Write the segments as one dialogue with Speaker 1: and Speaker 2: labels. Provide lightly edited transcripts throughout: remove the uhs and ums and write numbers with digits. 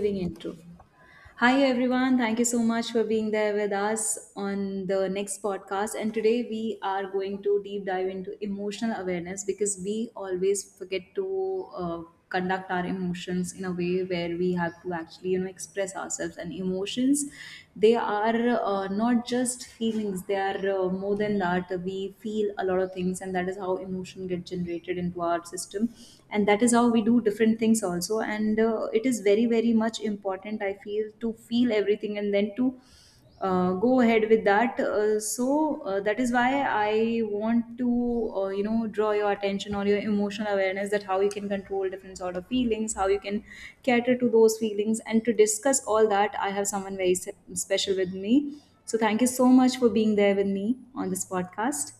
Speaker 1: Giving intro. Hi everyone, thank you so much for being there with us on the next podcast. And today we are going to deep dive into emotional awareness because we always forget to conduct our emotions in a way where we have to actually, you know, express ourselves, and emotions, they are not just feelings, they are more than that. We feel a lot of things, and that is how emotion get generated into our system, and that is how we do different things also. And it is very very much important, I feel, to feel everything and then to go ahead with that. So that is why I want to, you know, draw your attention or your emotional awareness, that how you can control different sort of feelings, how you can cater to those feelings. And to discuss all that, I have someone very special with me. So thank you so much for being there with me on this podcast.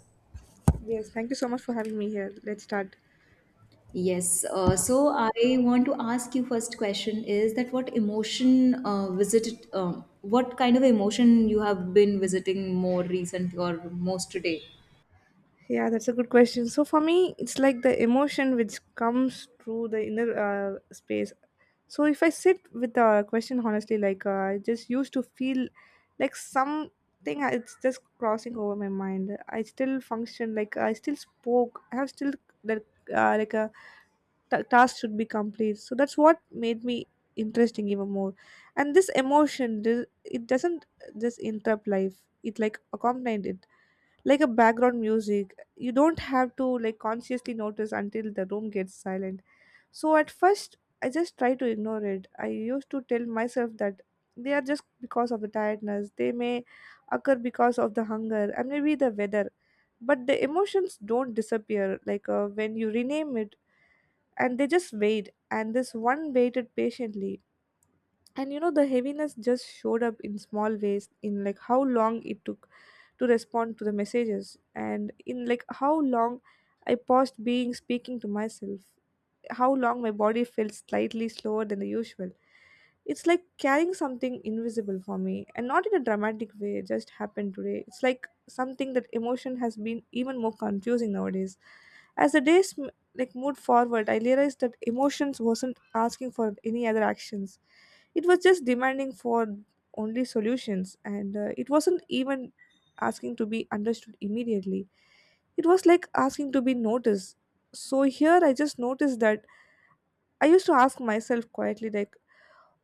Speaker 2: Yes, thank you so much for having me here. Let's start.
Speaker 1: Yes. So I want to ask you first question is that, what emotion visited, what kind of emotion you have been visiting more recently or most today?
Speaker 2: Yeah, that's a good question. So for me, it's like the emotion which comes through the inner space. So if I sit with the question honestly, like I just used to feel like something, it's just crossing over my mind. I still function, like I still spoke. I have still that, like a ta task should be complete. So that's what made me interesting even more. And this emotion, this, it doesn't just interrupt life. It like accompanied it, like a background music you don't have to like consciously notice until the room gets silent. So at first I just try to ignore it. I used to tell myself that they are just because of the tiredness, they may occur because of the hunger and maybe the weather. But the emotions don't disappear like, when you rename it, and they just wait, and this one waited patiently. And you know, the heaviness just showed up in small ways, in like how long it took to respond to the messages, and in like how long I paused being speaking to myself, how long my body felt slightly slower than the usual. It's like carrying something invisible for me, and not in a dramatic way, it just happened today. It's like something that emotion has been even more confusing nowadays. As the days like moved forward, I realized that emotions wasn't asking for any other actions. It was just demanding for only solutions, and it wasn't even asking to be understood immediately. It was like asking to be noticed. So here I just noticed that I used to ask myself quietly, like,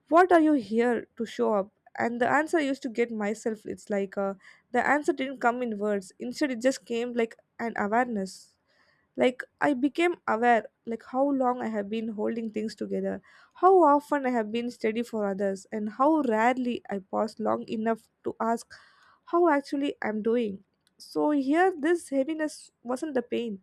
Speaker 2: what are you here to show up? And the answer I used to get myself, it's like, the answer didn't come in words, instead it just came like an awareness. Like I became aware like how long I have been holding things together, how often I have been steady for others, and how rarely I pause long enough to ask how actually I'm doing. So here, this heaviness wasn't the pain,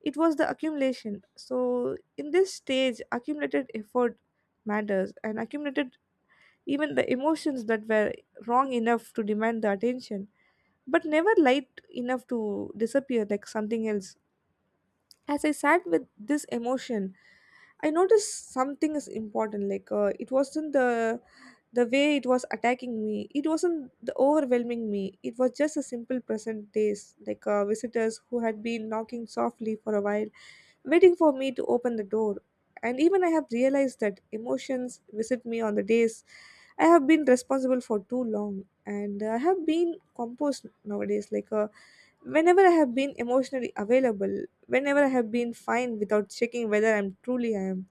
Speaker 2: it was the accumulation. So in this stage accumulated effort matters, and accumulated even the emotions that were wrong enough to demand the attention, but never light enough to disappear like something else. As I sat with this emotion, I noticed something is important. Like, it wasn't the way it was attacking me. It wasn't the overwhelming me. It was just a simple present days, like, visitors who had been knocking softly for a while, waiting for me to open the door. And even I have realized that emotions visit me on the days I have been responsible for too long. And I have been composed nowadays. Like, whenever I have been emotionally available, whenever I have been fine without checking whether I'm truly I am.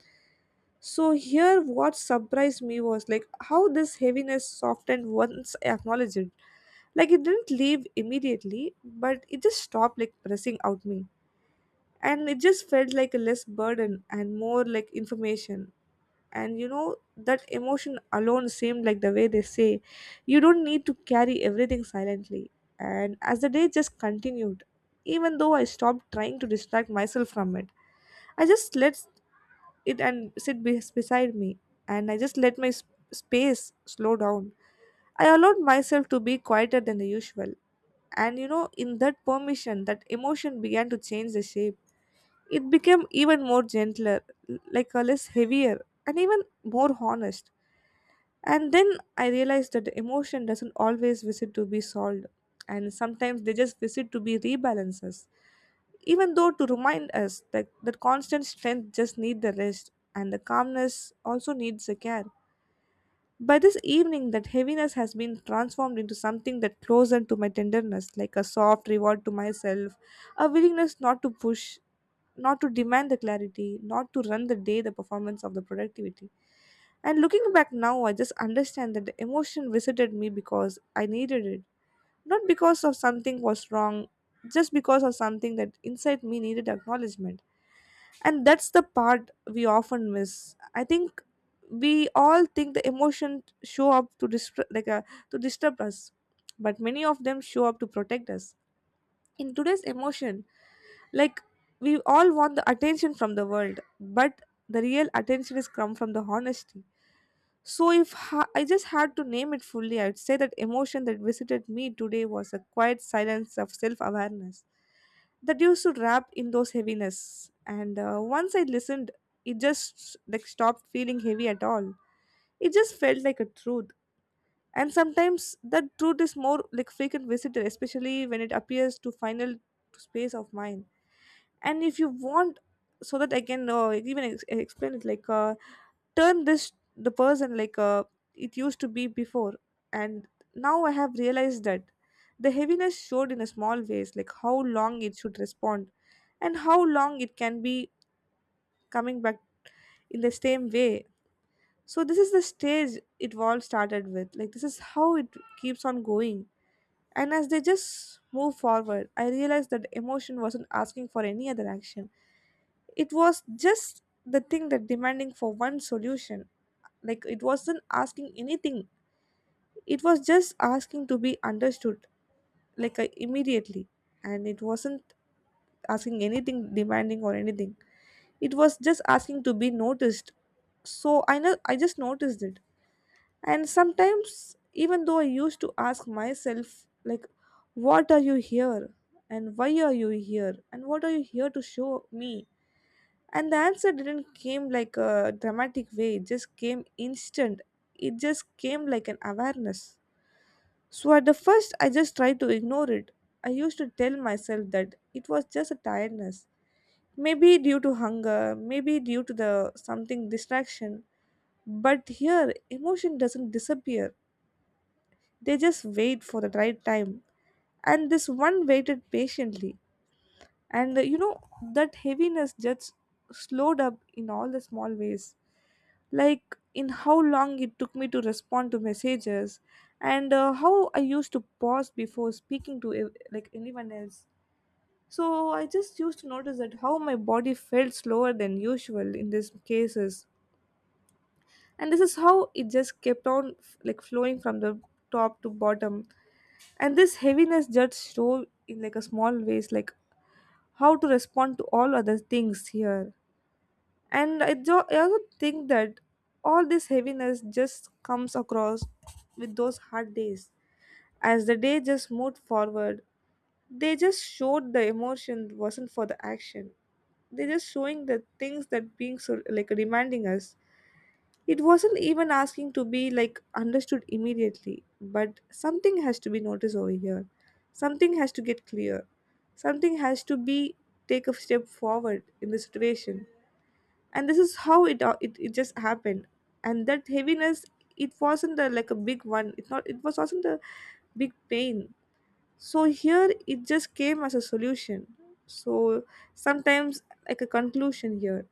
Speaker 2: So here, what surprised me was like how this heaviness softened once I acknowledged it. Like it didn't leave immediately, but it just stopped like pressing out me, and it just felt like a less burden and more like information. And you know that emotion alone seemed like the way they say, you don't need to carry everything silently. And as the day just continued, even though I stopped trying to distract myself from it, I just let it and sit beside me, and I just let my space slow down. I allowed myself to be quieter than the usual, and you know, in that permission that emotion began to change the shape. It became even more gentler, like a less heavier and even more honest. And then I realized that the emotion doesn't always visit to be solved, and sometimes they just visit to be rebalance us, even though to remind us that the constant strength just need the rest, and the calmness also needs a care. By this evening, that heaviness has been transformed into something that closened to my tenderness, like a soft reward to myself, a willingness not to push, not to demand the clarity, not to run the day the performance of the productivity. And looking back now, I just understand that the emotion visited me because I needed it, not because of something was wrong, just because of something that inside me needed acknowledgement, and that's the part we often miss. I think we all think the emotions show up to disturb, like a, to disturb us, but many of them show up to protect us. In today's emotion, like, we all want the attention from the world, but the real attention is come from the honesty. So if I just had to name it fully, I'd say that emotion that visited me today was a quiet silence of self-awareness that used to wrap in those heaviness, and once I listened, it just like stopped feeling heavy at all. It just felt like a truth, and sometimes that truth is more like frequent visitor, especially when it appears to final space of mind. And if you want, so that I can, even explain it, like, turn this the person, like, it used to be before. And now I have realized that the heaviness showed in a small ways, like how long it should respond and how long it can be coming back in the same way. So this is the stage it all started with, like this is how it keeps on going. And as they just move forward, I realized that emotion wasn't asking for any other action. It was just the thing that demanding for one solution. Like, it wasn't asking anything, it was just asking to be understood, like, immediately. And it wasn't asking anything demanding or anything, it was just asking to be noticed. So I know I just noticed it. And sometimes, even though I used to ask myself like, what are you here, and why are you here, and what are you here to show me? And the answer didn't came like a dramatic way, it just came instant, it just came like an awareness. So at the first I just tried to ignore it. I used to tell myself that it was just a tiredness, maybe due to hunger, maybe due to the something distraction. But here, emotion doesn't disappear, they just wait for the right time, and this one waited patiently. And you know, that heaviness just slowed up in all the small ways, like in how long it took me to respond to messages, and how I used to pause before speaking to like anyone else. So I just used to notice that how my body felt slower than usual in these cases. And this is how it just kept on like flowing from the top to bottom. And this heaviness just showed in like a small ways, like how to respond to all other things here. And I also think that all this heaviness just comes across with those hard days. As the day just moved forward, they just showed the emotion wasn't for the action, they're just showing the things that being so like reminding us. It wasn't even asking to be like understood immediately, but something has to be noticed over here, something has to get clear, something has to be take a step forward in the situation. And this is how it just happened. And that heaviness, it wasn't like a big one, it wasn't a big pain. So here it just came as a solution. So sometimes, like a conclusion here,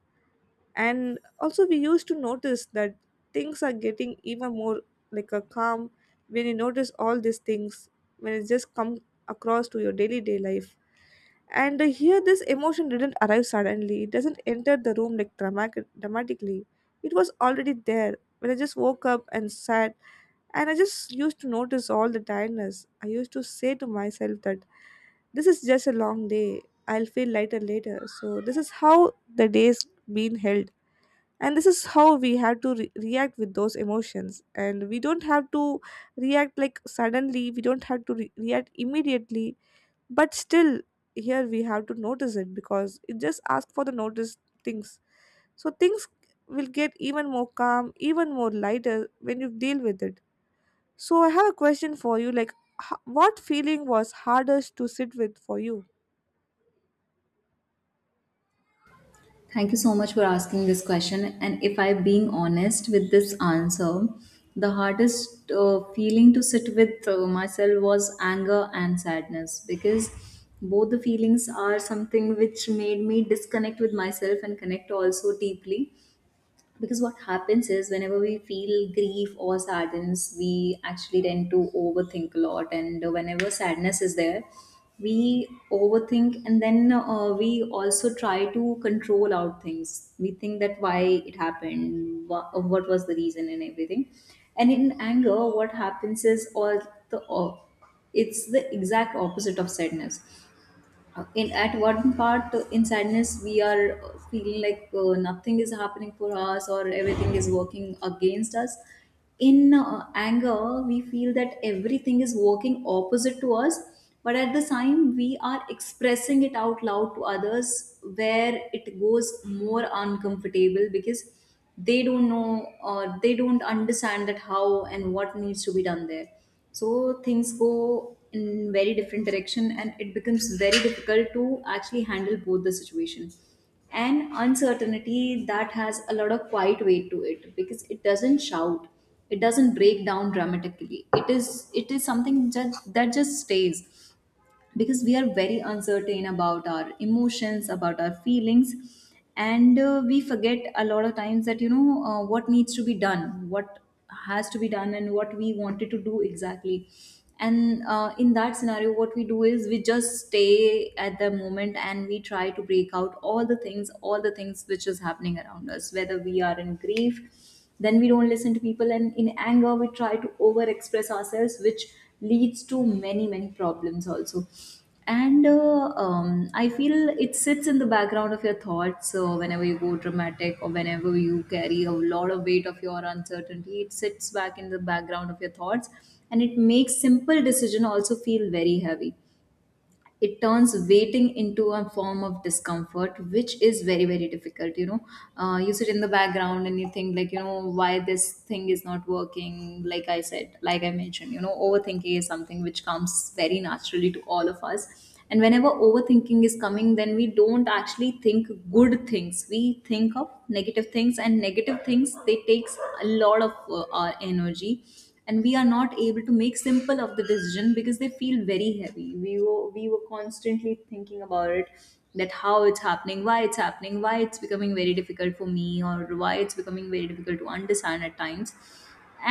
Speaker 2: and also we used to notice that things are getting even more like a calm when you notice all these things, when it just come across to your daily day life. And here, this emotion didn't arrive suddenly. It doesn't enter the room like dramatic, dramatically. It was already there when I just woke up and sat. And I just used to notice all the tiredness. I used to say to myself that this is just a long day, I'll feel lighter later. So this is how the day's been held. And this is how we have to react with those emotions. And we don't have to react like suddenly. We don't have to react immediately, but still, here we have to notice it because it just asks for the notice things. So things will get even more calm, even more lighter, when you deal with it. So I have a question for you, like, what feeling was hardest to sit with for you?
Speaker 1: Thank you so much for asking this question. And if I'm being honest with this answer, the hardest feeling to sit with myself was anger and sadness, because both the feelings are something which made me disconnect with myself and connect also deeply. Because what happens is, whenever we feel grief or sadness, we actually tend to overthink a lot. And whenever sadness is there, we overthink, and then we also try to control out things. We think that why it happened, what was the reason and everything. And in anger, what happens is all the o- it's the exact opposite of sadness. In at one part, in sadness we are feeling like nothing is happening for us or everything is working against us. In anger, we feel that everything is working opposite to us, but at the time we are expressing it out loud to others, where it goes more uncomfortable, because they don't know, or they don't understand that how and what needs to be done there. So things go in very different direction, and it becomes very difficult to actually handle both the situation. And uncertainty, that has a lot of quiet weight to it, because it doesn't shout, it doesn't break down dramatically. It is something, just that just stays, because we are very uncertain about our emotions, about our feelings. And we forget a lot of times that, you know, what needs to be done, what has to be done, and what we wanted to do exactly. And in that scenario, what we do is we just stay at the moment, and we try to break out all the things, all the things which is happening around us. Whether we are in grief, then we don't listen to people, and in anger we try to over express ourselves, which leads to many many problems also. And I feel it sits in the background of your thoughts. So whenever you go dramatic, or whenever you carry a lot of weight of your uncertainty, it sits back in the background of your thoughts, and it makes simple decision also feel very heavy. It turns waiting into a form of discomfort, which is very very difficult, you know. You sit in the background and you think like, you know, why this thing is not working. Like I said, like I mentioned, you know, overthinking is something which comes very naturally to all of us. And whenever overthinking is coming, then we don't actually think good things, we think of negative things, and negative things, they takes a lot of our energy, and we are not able to make simple of the decision because they feel very heavy. We were constantly thinking about it, that how it's happening, why it's happening, why it's becoming very difficult for me, or why it's becoming very difficult to understand at times.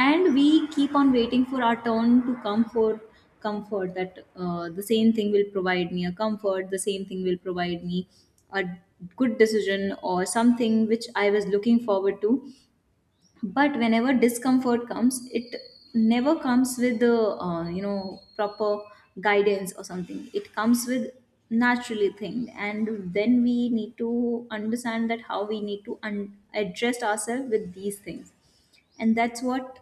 Speaker 1: And we keep on waiting for our turn to come for comfort, that the same thing will provide me a comfort, the same thing will provide me a good decision, or something which I was looking forward to. But whenever discomfort comes, it never comes with the you know proper guidance or something, it comes with naturally thing. And then we need to understand that how we need to address ourselves with these things. And that's what,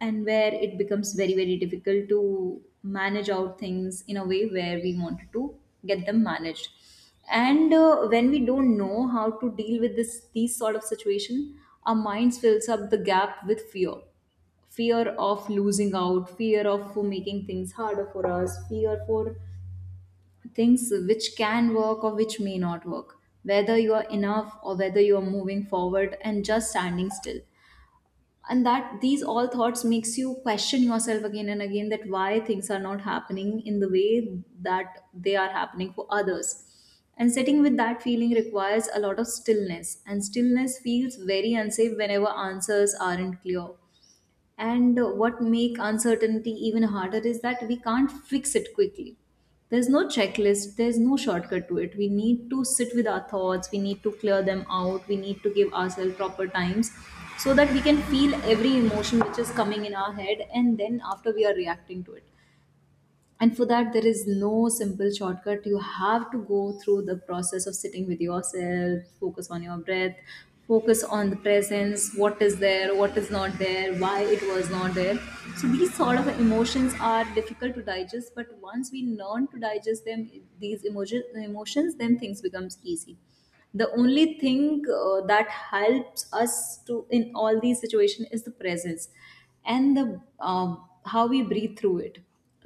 Speaker 1: and where it becomes very very difficult to manage out things in a way where we wanted to get them managed. And when we don't know how to deal with this these sort of situation, our minds fills up the gap with fear. Fear of losing out, fear of making things harder for us, fear for things which can work or which may not work, whether you are enough, or whether you are moving forward and just standing still. And that these all thoughts makes you question yourself again and again, that why things are not happening in the way that they are happening for others. And sitting with that feeling requires a lot of stillness, and stillness feels very unsafe whenever answers aren't clear. And what make uncertainty even harder is that we can't fix it quickly. There's no checklist, there's no shortcut to it. We need to sit with our thoughts, we need to clear them out, we need to give ourselves proper times, so that we can feel every emotion which is coming in our head, and then after we are reacting to it. And for that, there is no simple shortcut. You have to go through the process of sitting with yourself, focus on your breath, focus on the presence, what is there, what is not there, why it was not there. So these sort of emotions are difficult to digest, but once we learn to digest them, these emotions, then things becomes easy. The only thing that helps us to in all these situations is the presence, and the, how we breathe through it.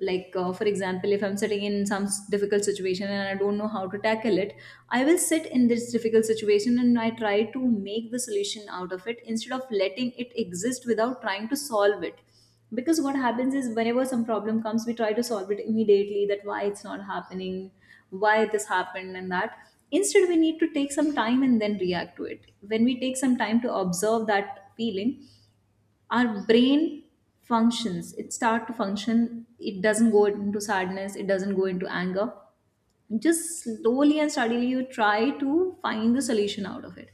Speaker 1: Like for example, if I'm sitting in some difficult situation and I don't know how to tackle it, I will sit in this difficult situation and I try to make the solution out of it, instead of letting it exist without trying to solve it. Because what happens is, whenever some problem comes, we try to solve it immediately, that why it's not happening, why this happened and that. Instead, we need to take some time and then react to it. When we take some time to observe that feeling, our brain functions, it start to function, it doesn't go into sadness, it doesn't go into anger. Just slowly and steadily you try to find the solution out of it.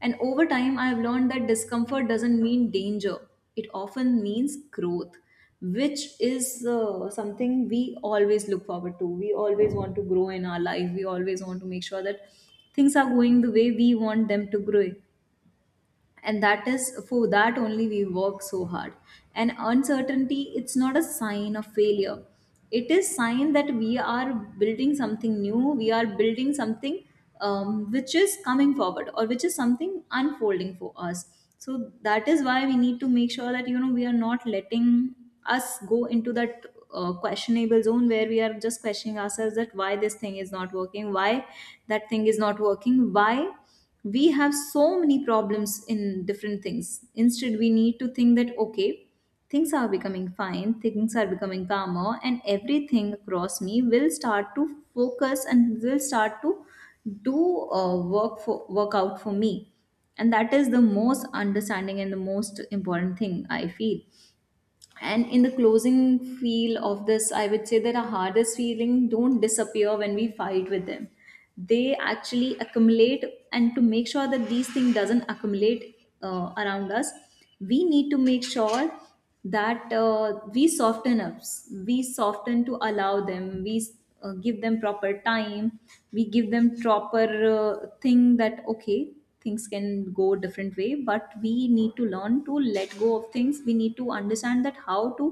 Speaker 1: And over time I have learned that discomfort doesn't mean danger, it often means growth, which is something we always look forward to. We always want to grow in our life, we always want to make sure that things are going the way we want them to grow, and that is for that only we work so hard. And uncertainty, it's not a sign of failure. It is sign that we are building something new, we are building something, which is coming forward, or which is something unfolding for us. So that is why we need to make sure that, you know, we are not letting us go into that questionable zone, where we are just questioning ourselves that why this thing is not working, why that thing is not working, why we have so many problems in different things. Instead, we need to think that, okay, things are becoming fine, things are becoming calmer, and everything across me will start to focus and will start to do work for work out for me. And that is the most understanding and the most important thing, I feel. And in the closing feel of this, I would say that our hardest feeling don't disappear when we fight with them, they actually accumulate. And to make sure that these things doesn't accumulate around us, we need to make sure that we soften up, we soften to allow them, we give them proper time, we give them proper thing, that okay, things can go different way, but we need to learn to let go of things, we need to understand that how to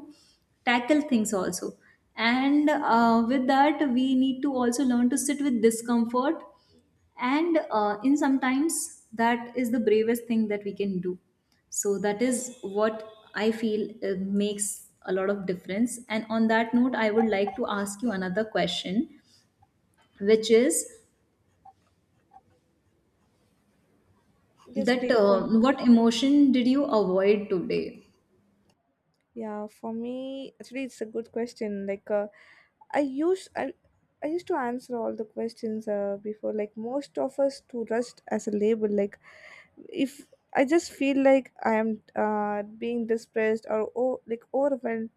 Speaker 1: tackle things also. And with that, we need to also learn to sit with discomfort. And in sometimes that is the bravest thing that we can do. So that is what I feel makes a lot of difference. And on that note, I would like to ask you another question, which is
Speaker 2: Yes,
Speaker 1: that
Speaker 2: please go ahead.
Speaker 1: what emotion did you avoid today?
Speaker 2: Yeah, for me, actually, it's a good question. Like, I use I, I used to answer all the questions before. Like most of us to rust as a label. Like, if I just feel like I am being depressed or oh, like overwhelmed.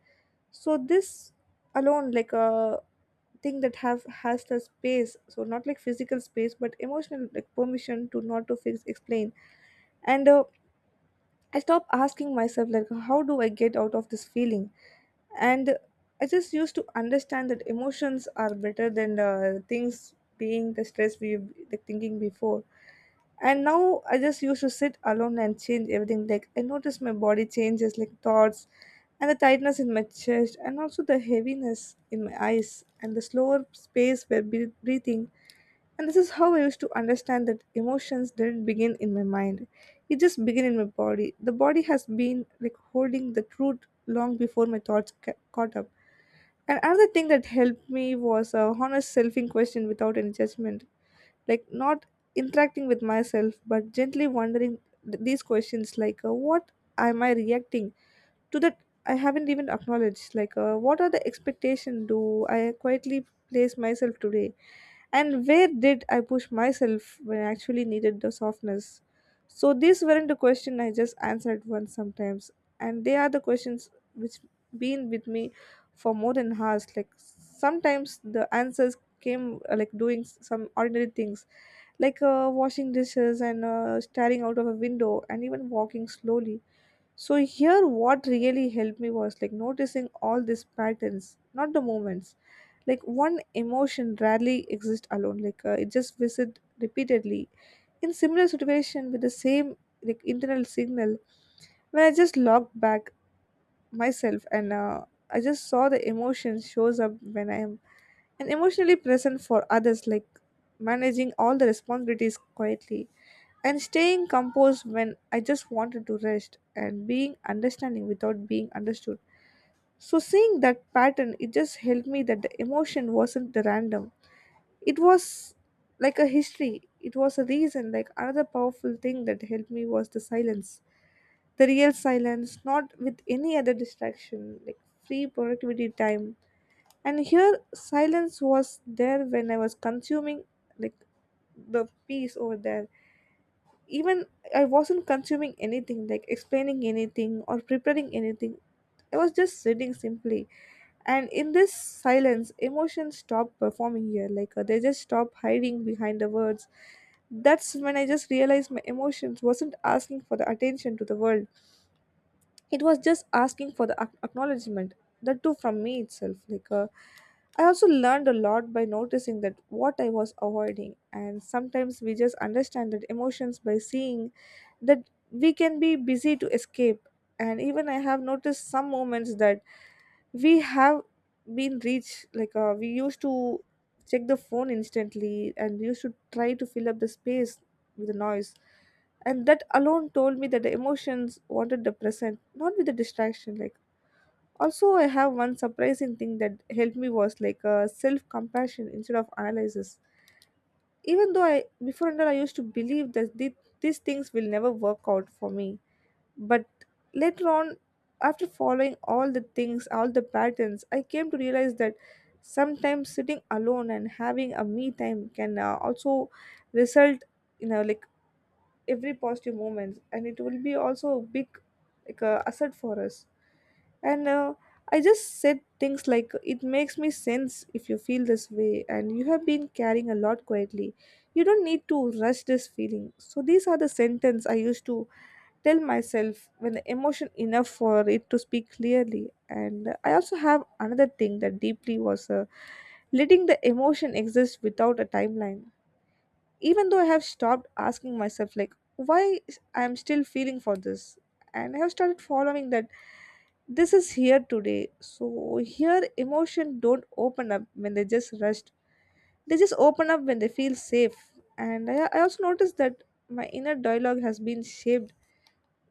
Speaker 2: So this alone, like a thing that have has the space, so not like physical space but emotional, like permission to not to fix explain. And I stop asking myself, like, how do I get out of this feeling? And I just used to understand that emotions are better than things being the stress, we the thinking before. And now I just used to sit alone and change everything, like I noticed my body changes, like thoughts, and the tightness in my chest, and also the heaviness in my eyes, and the slower space where breathing. And this is how I used to understand that emotions didn't begin in my mind. It just began in my body. The body has been like holding the truth long before my thoughts caught up. And another thing that helped me was a honest self question without any judgment. Like not interacting with myself, but gently wondering these questions like, what am I reacting to that I haven't even acknowledged? Like, what are the expectation do I quietly place myself today? And where did I push myself when I actually needed the softness? So these weren't the questions I just answered once sometimes, and they are the questions which been with me for more than hours. Like sometimes the answers came like doing some ordinary things, like washing dishes, and staring out of a window, and even walking slowly. So here, what really helped me was like noticing all these patterns, not the moments, like one emotion rarely exists alone, like it just visit repeatedly in similar situation with the same, like, internal signal. When I just logged back myself, and I just saw the emotion shows up when I am and emotionally present for others, like managing all the responsibilities quietly, and staying composed when I just wanted to rest, and being understanding without being understood. So seeing that pattern, it just helped me that the emotion wasn't the random. It was like a history, it was a reason. Like another powerful thing that helped me was the silence, the real silence, not with any other distraction, like free productivity time. And here silence was there when I was consuming, like the piece over there. Even I wasn't consuming anything, like explaining anything or preparing anything. I was just sitting simply. And in this silence, emotions stop performing here, like they just stop hiding behind the words. That's when I just realized my emotions wasn't asking for the attention to the world. It was just asking for the acknowledgement. That too from me itself. Like I also learned a lot by noticing that what I was avoiding. And sometimes we just understand that emotions by seeing that we can be busy to escape. And even I have noticed some moments that we have been reached. Like we used to check the phone instantly, and used to try to fill up the space with the noise. And that alone told me that the emotions wanted the present, not with the distraction. Like also I have one surprising thing that helped me was like a self compassion instead of analysis. Even though I before and all I used to believe that these things will never work out for me. But later on, after following all the things, all the patterns, I came to realize that sometimes sitting alone and having a me time can also result, you know, like every positive moment, and it will be also a big, like asset for us. And I just said things like it makes me sense if you feel this way and you have been carrying a lot quietly, you don't need to rush this feeling. So these are the sentence I used to tell myself when the emotion enough for it to speak clearly. And I also have another thing that deeply was letting the emotion exist without a timeline. Even though I have stopped asking myself, like, why I'm still feeling for this, and I have started following that this is here today. So here emotion don't open up when they just rushed. They just open up when they feel safe. And I also noticed that my inner dialogue has been shaped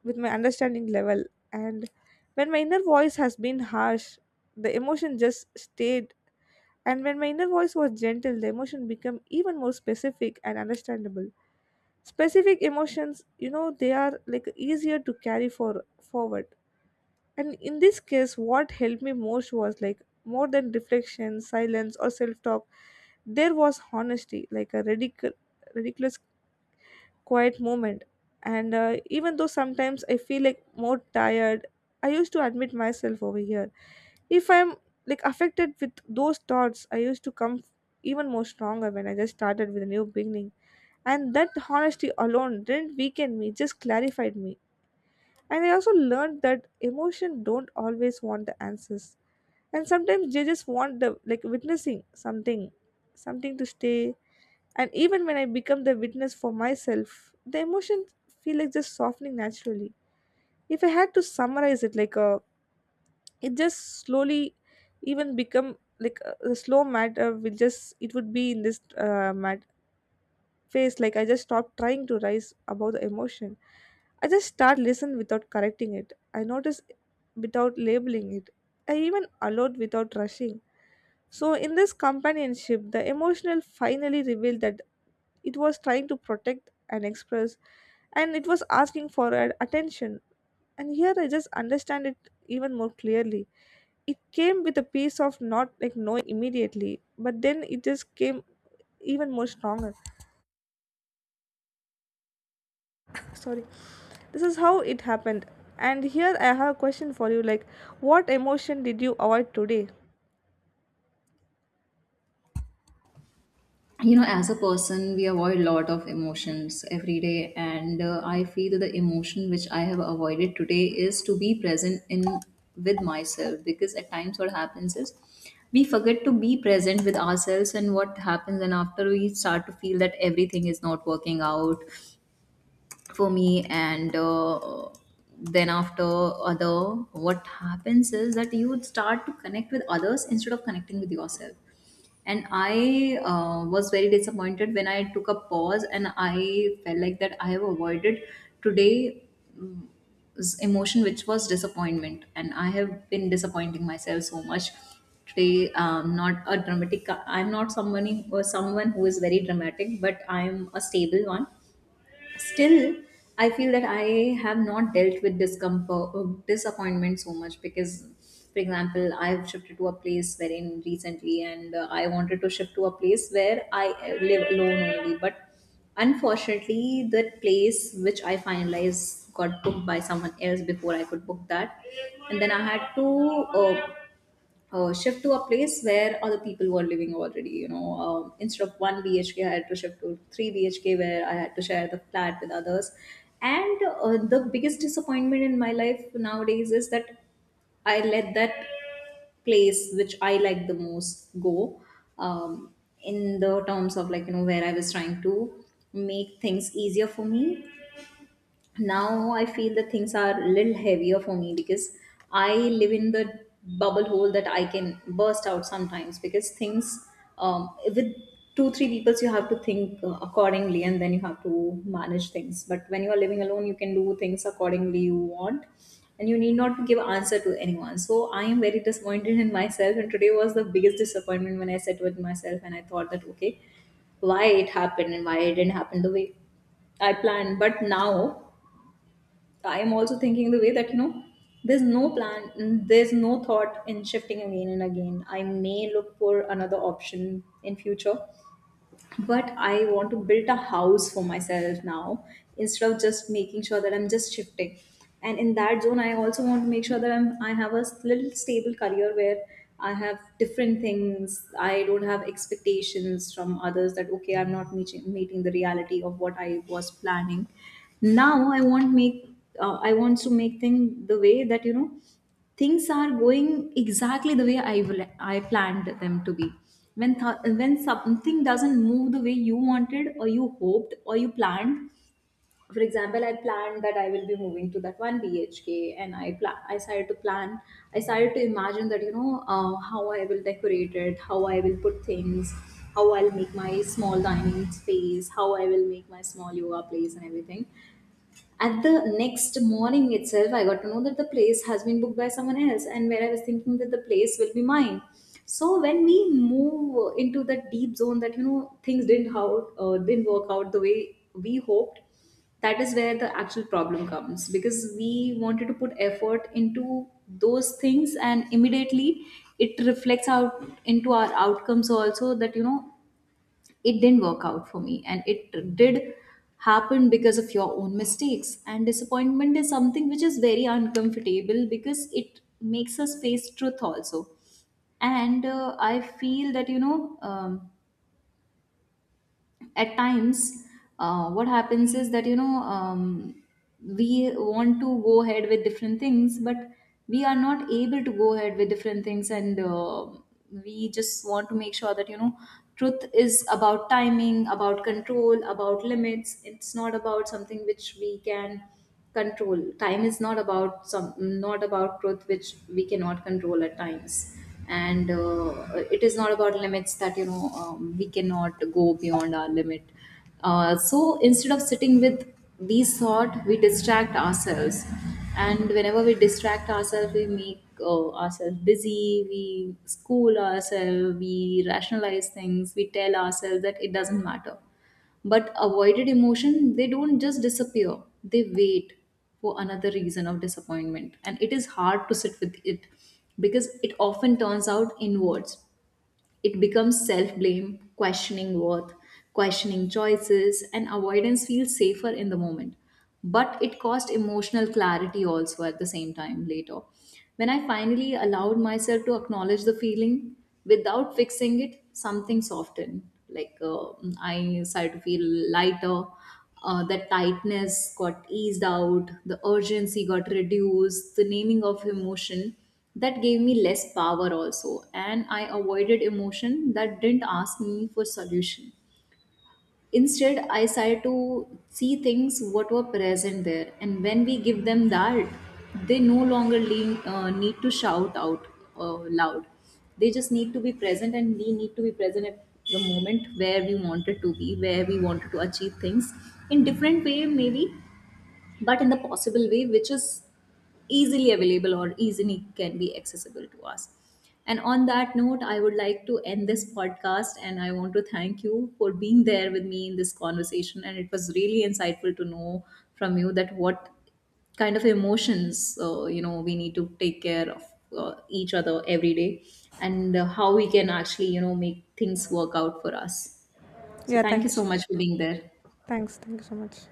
Speaker 2: with my understanding level. And when my inner voice has been harsh, the emotion just stayed. And when my inner voice was gentle, the emotion became even more specific and understandable. Specific emotions, you know, they are like easier to carry for forward. And in this case, what helped me most was like more than reflection, silence, or self-talk, there was honesty, like a ridiculous quiet moment. And even though sometimes I feel like more tired, I used to admit myself over here. If I'm like affected with those thoughts, I used to come even more stronger when I just started with a new beginning. And that honesty alone didn't weaken me, just clarified me. And I also learned that emotion don't always want the answers. And sometimes they just want the like witnessing something, something to stay. And even when I become the witness for myself, the emotion feel like just softening naturally. If I had to summarize it like a, it just slowly even become like a slow matter, will just it would be in this matter face. Like I just stopped trying to rise above the emotion. I just start listening without correcting it. I notice without labeling it. I even allowed without rushing. So in this companionship, the emotional finally revealed that it was trying to protect and express, and it was asking for attention. And here I just understand it even more clearly. It came with a piece of not like knowing immediately, but then it just came even more stronger. Sorry. This is how it happened. And here I have a question for you, like, what emotion did you avoid today?
Speaker 1: You know, as a person we avoid a lot of emotions every day, and I feel the emotion which I have avoided today is to be present in with myself, because at times what happens is we forget to be present with ourselves, and what happens and after we start to feel that everything is not working out for me. And then after other what happens is that you would start to connect with others instead of connecting with yourself. And I was very disappointed when I took a pause, and I felt like that I have avoided today's emotion, which was disappointment, and I have been disappointing myself so much today. Not a dramatic, I'm not someone or someone who is very dramatic, but I'm a stable one. Still, I feel that I have not dealt with discomfort, disappointment so much. Because for example, I've shifted to a place wherein recently, and I wanted to shift to a place where I live alone only. But unfortunately, the place which I finalized got booked by someone else before I could book that. And then I had to uh, shift to a place where other people were living already. You know, instead of one BHK, I had to shift to three BHK where I had to share the flat with others. And the biggest disappointment in my life nowadays is that I let that place which I like the most go. Um, in the terms of, like, you know, where I was trying to make things easier for me, now I feel that things are a little heavier for me because I live in the bubble hole that I can burst out sometimes. Because things, um, with two three peoples, you have to think accordingly, and then you have to manage things. But when you are living alone, you can do things accordingly you want, and you need not to give answer to anyone. So I am very disappointed in myself, and today was the biggest disappointment when I sat with myself and I thought that, okay, why it happened and why it didn't happen the way I planned. But now I am also thinking the way that, you know, there's no plan, there's no thought in shifting again and again. I may look for another option in future, but I want to build a house for myself now instead of just making sure that I'm just shifting. And in that zone, I also want to make sure that I have a little stable career where I have different things. I don't have expectations from others that, okay, I'm not meeting the reality of what I was planning. Now I want make, I want to make things the way that, you know, things are going exactly the way I planned them to be. When when something doesn't move the way you wanted or you hoped or you planned, for example, I planned that I will be moving to that one BHK, and I started to plan. I started to imagine that, you know, how I will decorate it, how I will put things, how I'll make my small dining space, how I will make my small yoga place, and everything. At the next morning itself, I got to know that the place has been booked by someone else, and where I was thinking that the place will be mine. So when we move into that deep zone, that, you know, things didn't work out the way we hoped, that is where the actual problem comes, because we wanted to put effort into those things, and immediately it reflects out into our outcomes also, that you know it didn't work out for me, and it did happen because of your own mistakes. And disappointment is something which is very uncomfortable, because it makes us face truth also. And I feel that, you know, at times, what happens is that, you know, we want to go ahead with different things, but we are not able to go ahead with different things. And we just want to make sure that, you know, truth is about timing, about control, about limits. It's not about something which we can control. Time is not about some not about truth which we cannot control at times. And it is not about limits, that you know, we cannot go beyond our limit. So instead of sitting with these thought, we distract ourselves. And whenever we distract ourselves, we make ourselves busy, we school ourselves, we rationalize things, we tell ourselves that it doesn't matter. But avoided emotion, they don't just disappear. They wait for another reason of disappointment, and it is hard to sit with it because it often turns out inwards. It becomes self blame, questioning worth, questioning choices, and avoidance feels safer in the moment. But it cost emotional clarity also at the same time later. When I finally allowed myself to acknowledge the feeling without fixing it, something softened. Like I started to feel lighter. That tightness got eased out, the urgency got reduced, the naming of emotion, that gave me less power also. And I avoided emotion that didn't ask me for solution. Instead, I try to see things what were present there, and when we give them that, they no longer need to shout out loud. They just need to be present, and we need to be present at the moment where we wanted to be, where we wanted to achieve things in different way, maybe, but in the possible way, which is easily available or easily can be accessible to us. And on that note, I would like to end this podcast, and I want to thank you for being there with me in this conversation. And it was really insightful to know from you that what kind of emotions, you know, we need to take care of each other every day. And how we can actually, you know, make things work out for us. So
Speaker 2: Yeah,
Speaker 1: thank you
Speaker 2: thank you
Speaker 1: so
Speaker 2: so
Speaker 1: much
Speaker 2: much.
Speaker 1: for being there.
Speaker 2: Thank you so much.